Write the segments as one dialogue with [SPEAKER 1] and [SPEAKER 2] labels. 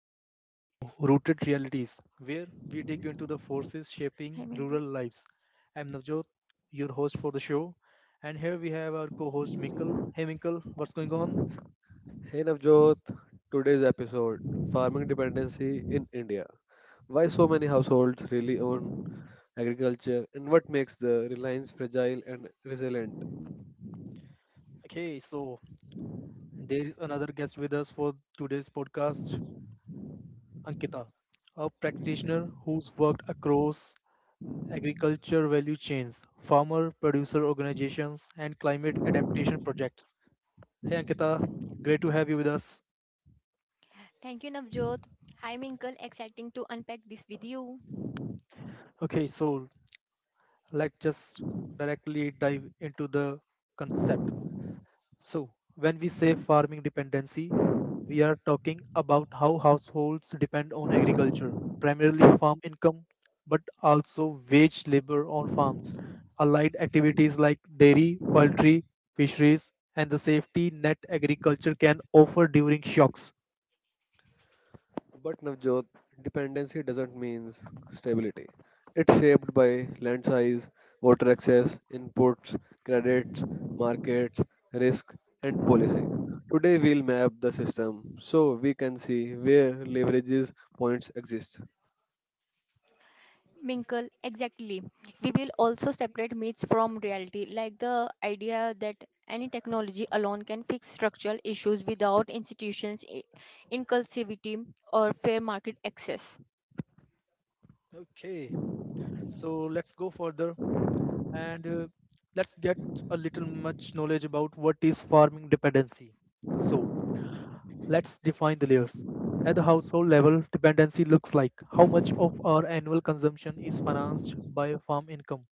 [SPEAKER 1] back to our show, Rooted Realities, where we dig into the forces shaping
[SPEAKER 2] Hi,
[SPEAKER 1] rural
[SPEAKER 2] Minkle.
[SPEAKER 1] lives. I'm Navjot, your host for the show, and here we have our co host Minkle. Hey, Minkle, what's going on?
[SPEAKER 3] Hey Navjot, today's episode, Farming Dependency in India. Why so many households really own agriculture, and what makes the reliance fragile and resilient.
[SPEAKER 1] Okay, so there is another guest with us for today's podcast, Ankita, a practitioner who's worked across agriculture value chains, farmer producer organizations, and climate adaptation projects. Hey, Ankita, great to have you with us.
[SPEAKER 2] Thank you, Navjot. Hi, Minkle. Exciting to unpack this with you.
[SPEAKER 1] Okay, so let's just directly dive into the concept. So, when we say farming dependency, we are talking about how households depend on agriculture, primarily farm income, but also wage labor on farms, allied activities like dairy, poultry, fisheries, and the safety net agriculture can offer during shocks.
[SPEAKER 3] But Navjot, dependency doesn't mean stability. It's shaped by land size, water access, inputs, credits, markets, risk, and policy. Today we'll map the system so we can see where leverages points exist.
[SPEAKER 2] Minkle, exactly. We will also separate myths from reality, like the idea that any technology alone can fix structural issues without institutions, inclusivity, or fair market access.
[SPEAKER 1] Okay, so let's go further and let's get a little much knowledge about what is farming dependency. So let's define the layers. At the household level, dependency looks like how much of our annual consumption is financed by farm income.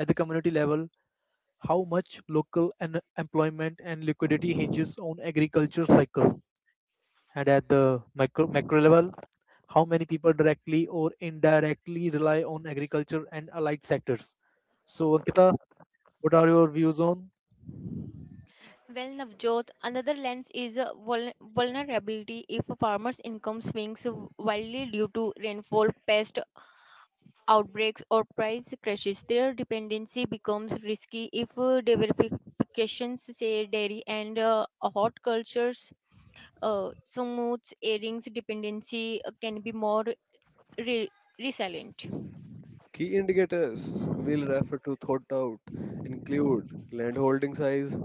[SPEAKER 1] At the community level, how much local and employment and liquidity hinges on agriculture cycles. And at the micro, macro level, how many people directly or indirectly rely on agriculture and allied sectors. So, Ankita, what are your views on.
[SPEAKER 2] Well, Navjot, another lens is vulnerability if a farmer's income swings wildly due to rainfall, pest, outbreaks, or price crashes. Their dependency becomes risky if diversifications, say dairy and hot cultures, smooths airings dependency can be more re- resilient.
[SPEAKER 3] Key indicators we'll refer to thought out include land holding size,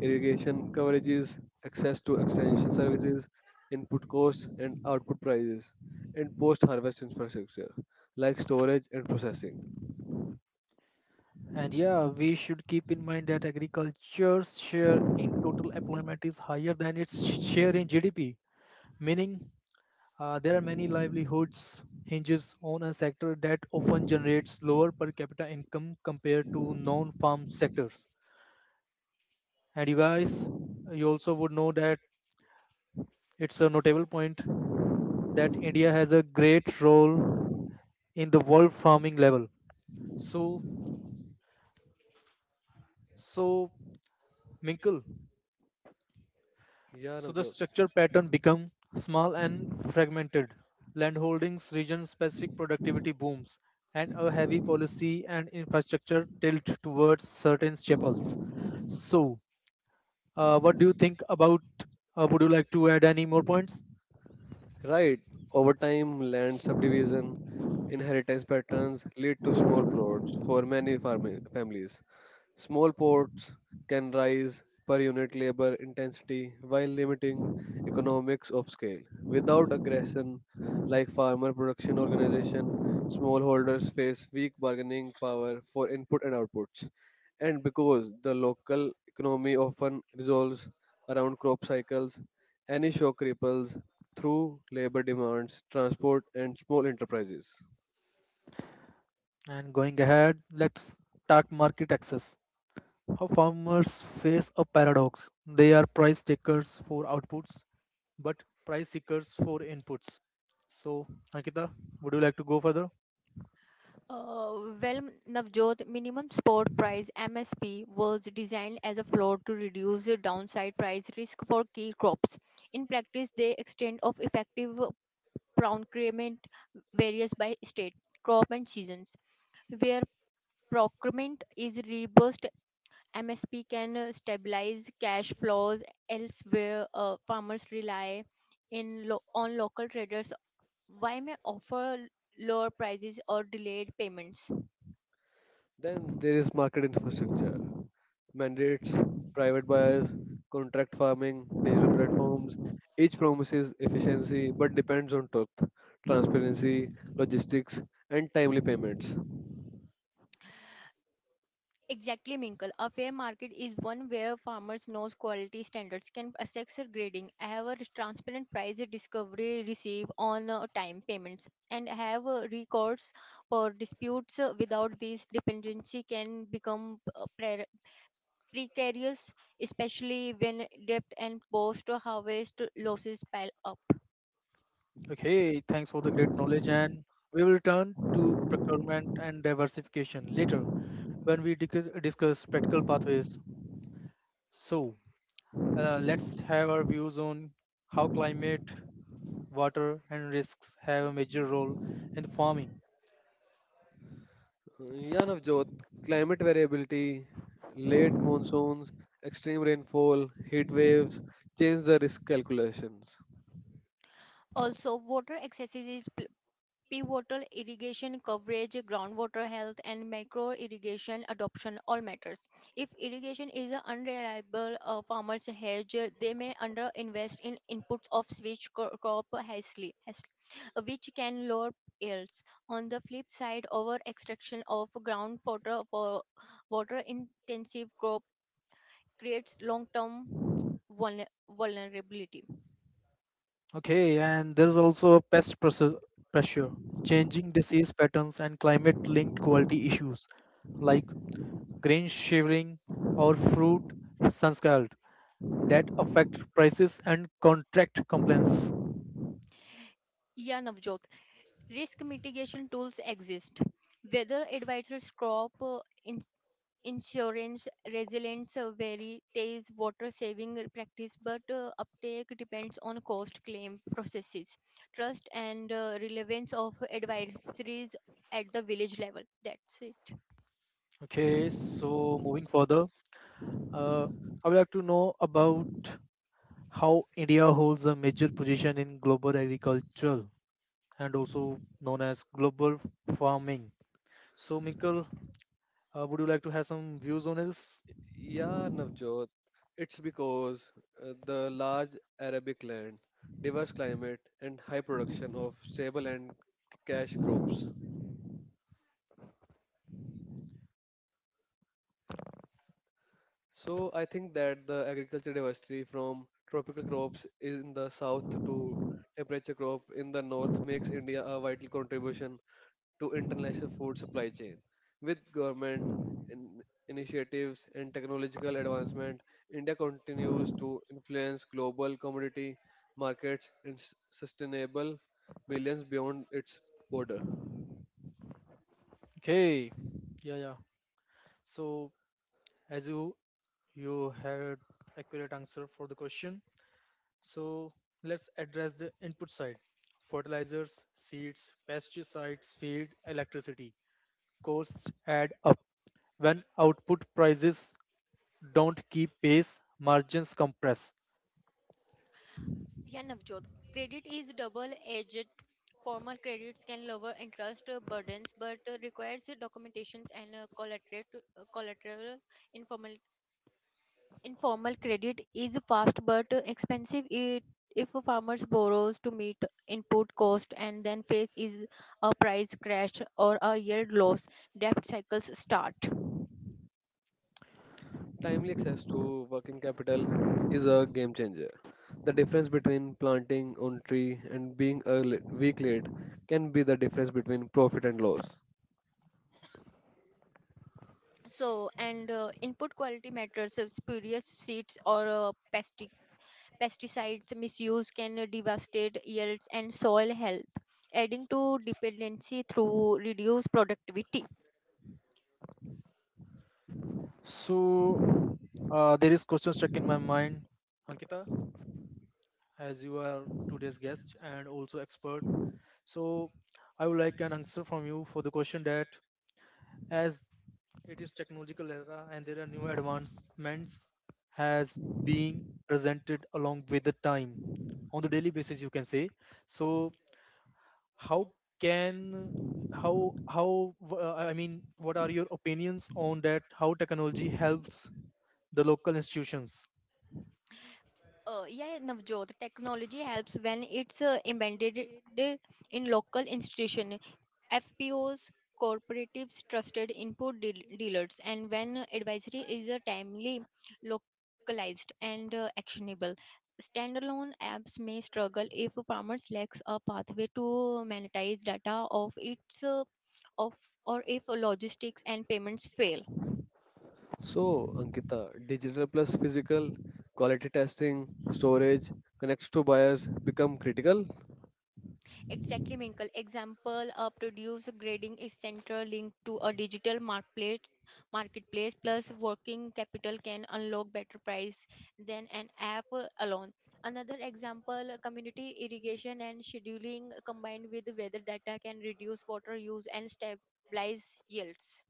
[SPEAKER 3] irrigation coverages, access to extension services, input costs and output prices, and post harvest infrastructure like storage and processing.
[SPEAKER 1] And yeah, we should keep in mind that agriculture's share in total employment is higher than its share in GDP, meaning there are many livelihoods hinges on a sector that often generates lower per capita income compared to non-farm sectors. And you guys, you also would know that it's a notable point that India has a great role in the world farming level. So, so, Minkle,
[SPEAKER 3] Yeah,
[SPEAKER 1] so the
[SPEAKER 3] Navjot.
[SPEAKER 1] structure pattern become small and fragmented. Landholdings, region-specific productivity booms, and a heavy policy and infrastructure tilt towards certain chapels. So, what do you think about? Would you like to add any more points?
[SPEAKER 3] Right, over time, land subdivision, inheritance patterns lead to small plots for many farming families. Small plots can rise per unit labor intensity while limiting economics of scale. Without aggression, like farmer production organization, smallholders face weak bargaining power for input and outputs. And because the local economy often resolves around crop cycles, any shock ripples through labor demands, transport, and small enterprises.
[SPEAKER 1] And going ahead, let's start market access. How farmers face a paradox. They are price takers for outputs, but price seekers for inputs. So, Ankita, would you like to go further?
[SPEAKER 2] Well, Navjot, minimum spot price MSP was designed as a floor to reduce the downside price risk for key crops. In practice, the extent of effective procurement varies by state, crop, and seasons. Where procurement is robust, MSP can stabilize cash flows elsewhere. Farmers rely on local traders. Why may offer lower prices or delayed payments?
[SPEAKER 3] Then there is market infrastructure, mandates, private buyers, contract farming, digital platforms. Each promises efficiency but depends on truth, transparency, logistics, and timely payments.
[SPEAKER 2] Exactly, Minkle. A fair market is one where farmers knows quality standards can assess their grading, have a transparent price discovery, receive on time payments, and have recourse for disputes. Without these, dependency can become precarious, especially when debt and post harvest losses pile up.
[SPEAKER 1] Okay, thanks for the great knowledge, and we will turn to procurement and diversification later when we discuss practical pathways. So, let's have our views on how climate, water, and risks have a major role in the farming.
[SPEAKER 3] Yeah,
[SPEAKER 1] S-
[SPEAKER 3] Navjot, climate variability, late monsoons, extreme rainfall, heat waves change the risk calculations.
[SPEAKER 2] Also, water excesses pivotal irrigation coverage, groundwater health, and micro irrigation adoption all matters. If irrigation is a unreliable, farmers hedge, they may underinvest in inputs of switch crop hastily, which can lower yields. On the flip side, over extraction of groundwater for water intensive crop creates long term vulnerability.
[SPEAKER 1] Okay, and there's also a pest pressure, changing disease patterns, and climate-linked quality issues like grain shivering or fruit sunscald that affect prices and contract compliance.
[SPEAKER 2] Yeah, Navjot. Risk mitigation tools exist. Weather advisors, crop in- insurance, resilience, varieties, water saving practice, but uptake depends on cost claim processes, trust, and relevance of advisories at the village level. That's it.
[SPEAKER 1] Okay, so moving further, uh, I would like to know about how India holds a major position in global agriculture and also known as global farming. So, Minkle, would you like to have some views on this?
[SPEAKER 3] Yeah, Navjot, it's because the large Arabic land, diverse climate, and high production of stable and cash crops. So I think that the agriculture diversity from tropical crops in the south to temperature crop in the north makes India a vital contribution to international food supply chain. With government in- initiatives and technological advancement, India continues to influence global commodity markets and sustainable millions beyond its border.
[SPEAKER 1] Okay. Yeah, yeah. So as you had accurate answer for the question. So let's address the input side. Fertilizers, seeds, pesticides, feed, electricity. Costs add up. When output prices don't keep pace, margins compress.
[SPEAKER 2] Yeah, Navjot. Credit is double-edged. Formal credits can lower interest burdens, but requires documentations and collateral. Informal Informal credit is fast but expensive it, if a farmer borrows to meet input cost and then face is a price crash or a yield loss, debt cycles start.
[SPEAKER 3] Timely access to working capital is a game changer. The difference between planting on tree and being a week late can be the difference between profit and loss.
[SPEAKER 2] So, and input quality matters. Spurious seeds or pesticides misuse can devastate yields and soil health, adding to dependency through reduced productivity.
[SPEAKER 1] So uh, there is question stuck in my mind, Ankita, as you are today's guest and also expert. So I would like an answer from you for the question that as it is technological era and there are new advancements has being presented along with the time on the daily basis you can say. So how can how I mean what are your opinions on that, how technology helps the local institutions?
[SPEAKER 2] Yeah, Navjot, technology helps when it's embedded i- in local institution, FPOs, cooperatives, trusted input dealers, and when advisory is timely, localized, and actionable. Standalone apps may struggle if farmers lacks a pathway to monetize data of its of or if logistics and payments fail.
[SPEAKER 3] So, Ankita, digital plus physical, quality testing, storage, connects to buyers become critical?
[SPEAKER 2] Exactly, Minkle. Example, a produce grading is central linked to a digital marketplace plus working capital can unlock better price than an app alone. Another example, community irrigation and scheduling combined with weather data can reduce water use and stabilize yields.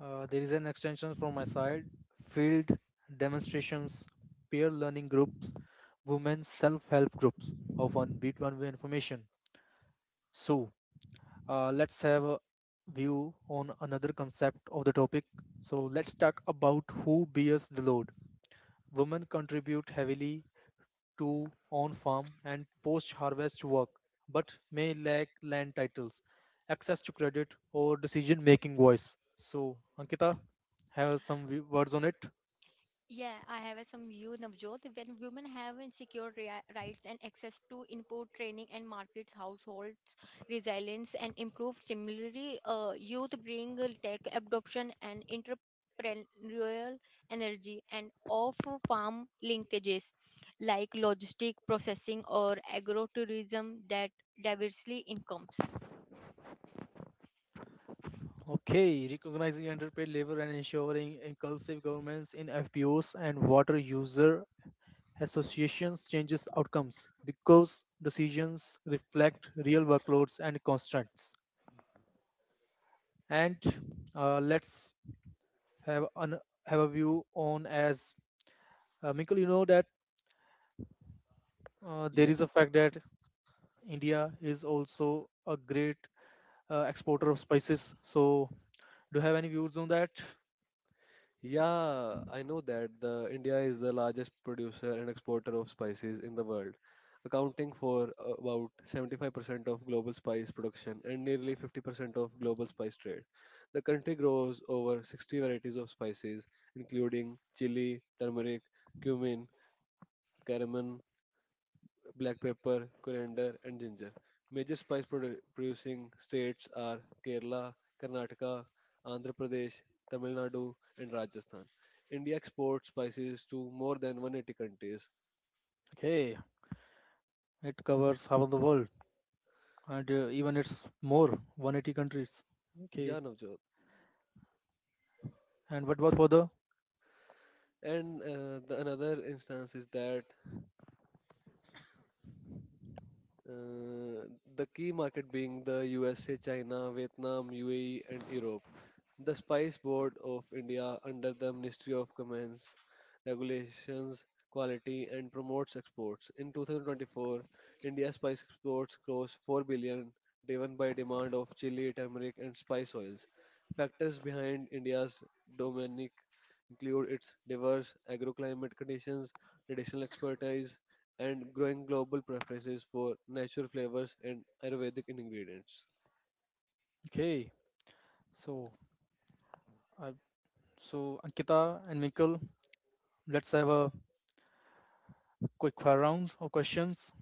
[SPEAKER 1] There is an extension from my side, field demonstrations, peer learning groups, women's self help groups, often beat one way information. So, let's have a view on another concept of the topic. So, let's talk about who bears the load. Women contribute heavily to own farm and post-harvest work, but may lack land titles, access to credit, or decision-making voice. So, Ankita, have some words on it?
[SPEAKER 2] Yeah, I have a some view, Navjot. When women have insecure rights and access to input training and markets, households, resilience, and improved. Similarly, youth bring tech adoption and entrepreneurial energy and off-farm linkages like logistic processing or agrotourism that diversely incomes.
[SPEAKER 1] Okay, recognizing underpaid labor and ensuring inclusive governments in FPOs and water user associations changes outcomes because decisions reflect real workloads and constraints. And let's have an have a view on as Mikkel, you know that uh, there
[SPEAKER 3] Yeah,
[SPEAKER 1] is a fact that India is also a great exporter of spices. So, do you have any views on that?
[SPEAKER 3] yeah, I know that the India is the largest producer and exporter of spices in the world, accounting for about 75% of global spice production and nearly 50% of global spice trade. The country grows over 60 varieties of spices, including chili, turmeric, cumin, cardamom, black pepper, coriander, and ginger. Major spice producing states are Kerala, Karnataka, Andhra Pradesh, Tamil Nadu, and Rajasthan. India exports spices to more than 180 countries.
[SPEAKER 1] Okay, it covers half of the world and even it's more, 180 countries. Okay,
[SPEAKER 3] Yeah, Navjot.
[SPEAKER 1] and what about for the,
[SPEAKER 3] And the another instance is that Uh, the key market being the USA, China, Vietnam, UAE, and Europe. The Spice Board of India, under the Ministry of Commerce, regulations quality and promotes exports. In 2024, India's spice exports crossed 4 billion, driven by demand of chili, turmeric, and spice oils. Factors behind India's dominic include its diverse agroclimate conditions, traditional expertise, and growing global preferences for natural flavors and Ayurvedic ingredients.
[SPEAKER 1] okay? So, I, so Ankita and Mikkel, let's have a quick fire round of questions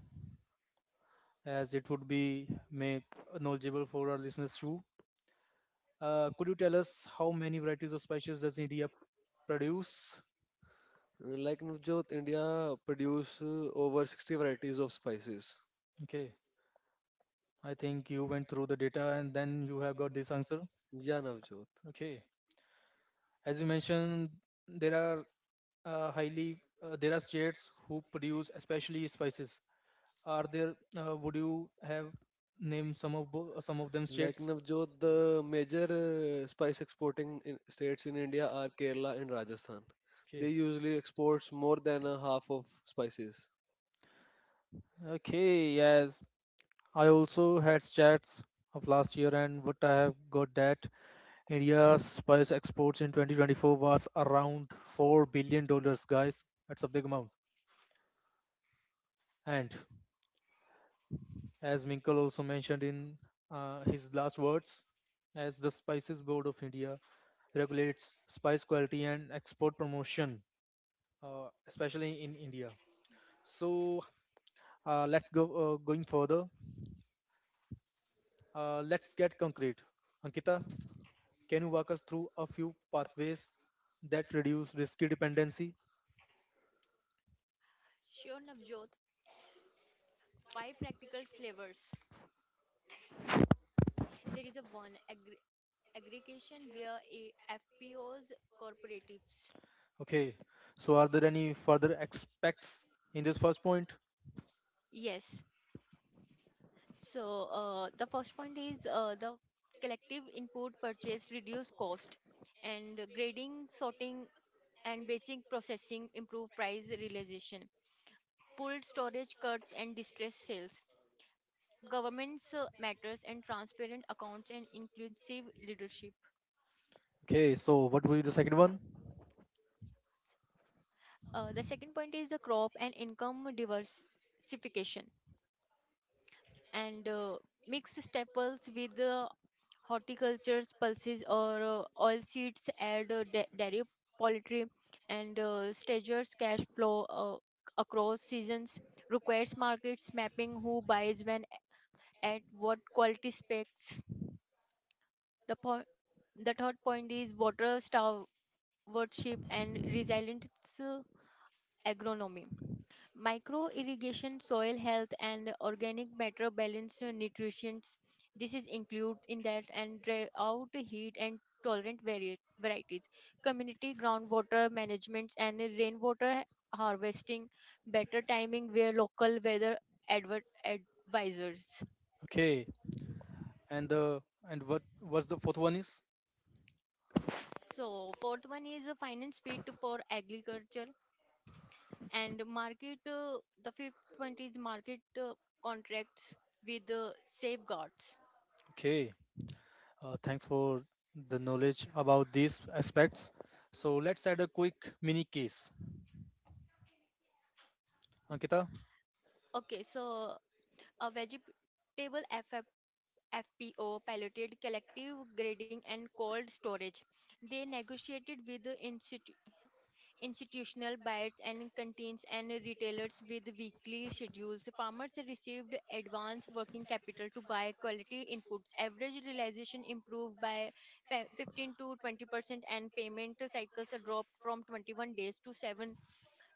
[SPEAKER 1] as it would be made knowledgeable for our listeners too. Could you tell us how many varieties of spices does India produce?
[SPEAKER 3] Like Navjot, India produce over 60 varieties of spices.
[SPEAKER 1] Okay. I think you went through the data and then you have got this answer.
[SPEAKER 3] Yeah, Navjot.
[SPEAKER 1] Okay. As you mentioned, there are highly, there are states who produce especially spices. Are there? Would you have named some of some of them
[SPEAKER 3] Like
[SPEAKER 1] states?
[SPEAKER 3] Navjot, the major spice exporting in states in India are Kerala and Rajasthan. They
[SPEAKER 1] Okay.
[SPEAKER 3] usually exports more than a half of spices.
[SPEAKER 1] Okay. Yes. I also had stats of last year, and what I have got that India's spice exports in 2024 was around $4 billion, guys. That's a big amount. And as Minkal also mentioned in his last words, as the Spices Board of India regulates spice quality and export promotion, especially in India. So let's go going further. Let's get concrete. Ankita, can you walk us through a few pathways that reduce risky dependency?
[SPEAKER 2] Sure, Navjot. Five practical flavors. There is a one aggregation via a FPOs cooperatives.
[SPEAKER 1] Okay. So are there any further aspects in this first point?
[SPEAKER 2] Yes. So the first point is the collective input purchase reduce cost and grading, sorting, and basic processing improve price realization. Pooled storage cuts and distressed sales. Governments matters and transparent accounts and inclusive leadership.
[SPEAKER 1] Okay. So what will be the second one?
[SPEAKER 2] The second point is the crop and income diversification. And mix staples with horticulture's pulses or oil seeds, add dairy, poultry, and stagers cash flow across seasons. Requires markets mapping who buys when at what quality specs. The point, the third point is water stewardship and resilient uh, agronomy, micro irrigation, soil health, and organic matter balance nutrition. This is includes in that, and drought heat and tolerant varieties, community groundwater management, and rainwater harvesting, better timing where local weather advisors.
[SPEAKER 1] Okay. And the, and what was the fourth one is?
[SPEAKER 2] So fourth one is a finance fit for agriculture and market. The fifth one is market contracts with safeguards.
[SPEAKER 1] Okay, thanks for the knowledge about these aspects. So let's add a quick mini case. Ankita,
[SPEAKER 2] Okay, so a vegetable FF, FPO piloted collective grading and cold storage. They negotiated with the institutional buyers and canteens and retailers with weekly schedules. Farmers received advance working capital to buy quality inputs. Average realization improved by 15 to 20%, and payment cycles dropped from 21 days to 7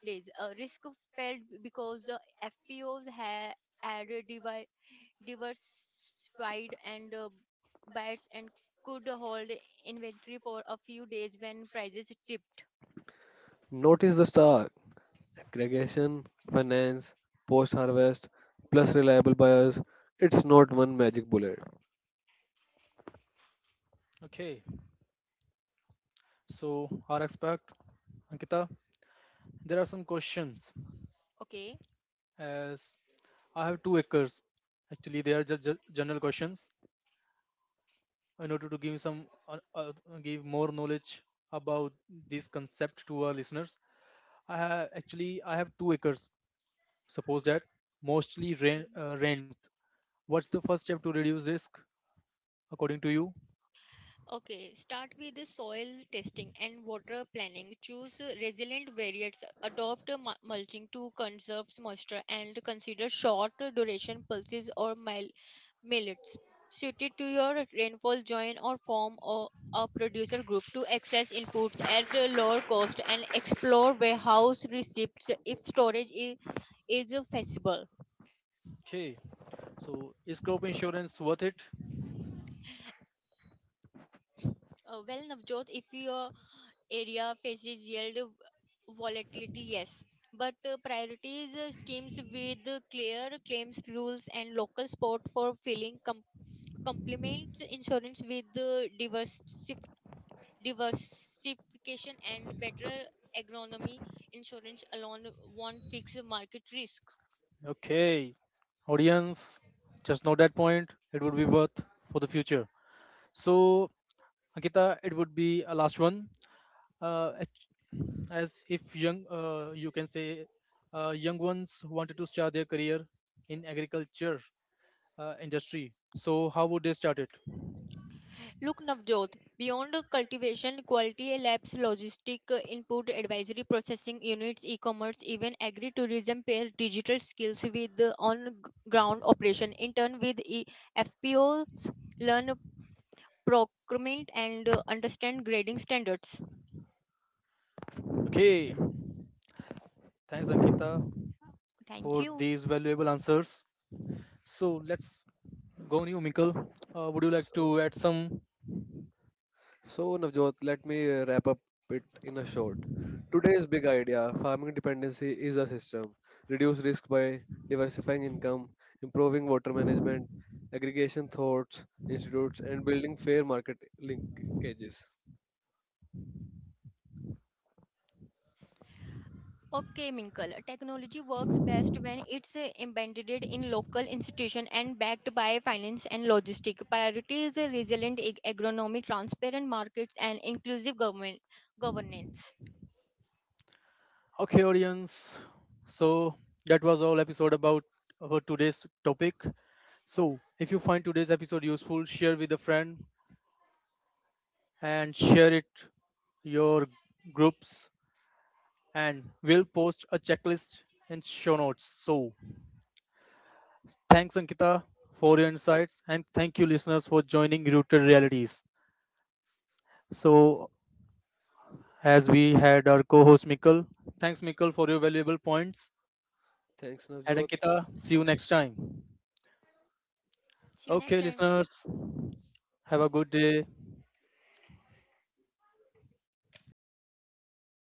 [SPEAKER 2] days. Risk fell because the FPOs had diversified and bats and could hold inventory for a few days when prices dipped.
[SPEAKER 3] Notice the star. Aggregation, finance, post-harvest, plus reliable buyers. It's not one magic bullet.
[SPEAKER 1] okay, so our expert, Ankita, there are some questions.
[SPEAKER 2] Okay.
[SPEAKER 1] As I have 2 acres, actually, they are just general questions. In order to give some, give more knowledge about this concept to our listeners, I have 2 acres. Suppose that mostly rain,
[SPEAKER 2] Mhm.
[SPEAKER 1] uh, rain. What's the first step to reduce risk according to you?
[SPEAKER 2] Okay, start with the soil testing and water planning. Choose resilient variants, adopt mulching to conserve moisture, and consider short duration pulses or millets suited to your rainfall. Join or form or a producer group to access inputs at a lower cost and explore warehouse receipts if is feasible.
[SPEAKER 1] Okay, so is crop insurance worth it?
[SPEAKER 2] Well, Navjot, if you area faces yield volatility, yes, but priorities schemes with clear claims rules and local support for filling complements insurance with diversification and better agronomy. Insurance alone won't fix the market risk.
[SPEAKER 1] Okay, audience, just note that point. It would be worth for the future. So, Ankita, it would be a last one. Act- as if young, you can say, young ones wanted to start their career in agriculture industry. So, how would they start it?
[SPEAKER 2] Look, Navjot, beyond cultivation, quality labs, logistic input, advisory processing units, e-commerce, even agri-tourism pair digital skills with the on-ground operation. In turn, with FPOs, learn procurement and understand grading standards.
[SPEAKER 1] Okay, thanks, Ankita,
[SPEAKER 2] Thank
[SPEAKER 1] for
[SPEAKER 2] you.
[SPEAKER 1] these valuable answers. So, let's go on you, Minkle. Would you like
[SPEAKER 3] So,
[SPEAKER 1] to add some.
[SPEAKER 3] so, Navjot, let me wrap up it in a short. Today's big idea, farming dependency is a system. Reduce risk by diversifying income, improving water management, aggregation thoughts, institutes, and building fair market linkages.
[SPEAKER 2] Optimical technology works best when it's embedded in local institution and backed by finance and logistic. Priority is a resilient agronomy, transparent markets, and inclusive government governance.
[SPEAKER 1] Okay, audience. So that was all episode about our today's topic. So if you find today's episode useful, share with a friend and share it your groups and we'll post a checklist and show notes. So thanks Ankita for your insights and thank you listeners for joining Rooted Realities. So as we had our co-host Mikkel, thanks Mikkel for your valuable points.
[SPEAKER 3] Thanks,
[SPEAKER 1] And
[SPEAKER 3] Navjot.
[SPEAKER 1] Ankita, see you next time.
[SPEAKER 2] See you
[SPEAKER 1] Okay,
[SPEAKER 2] next time.
[SPEAKER 1] listeners. Have a good day.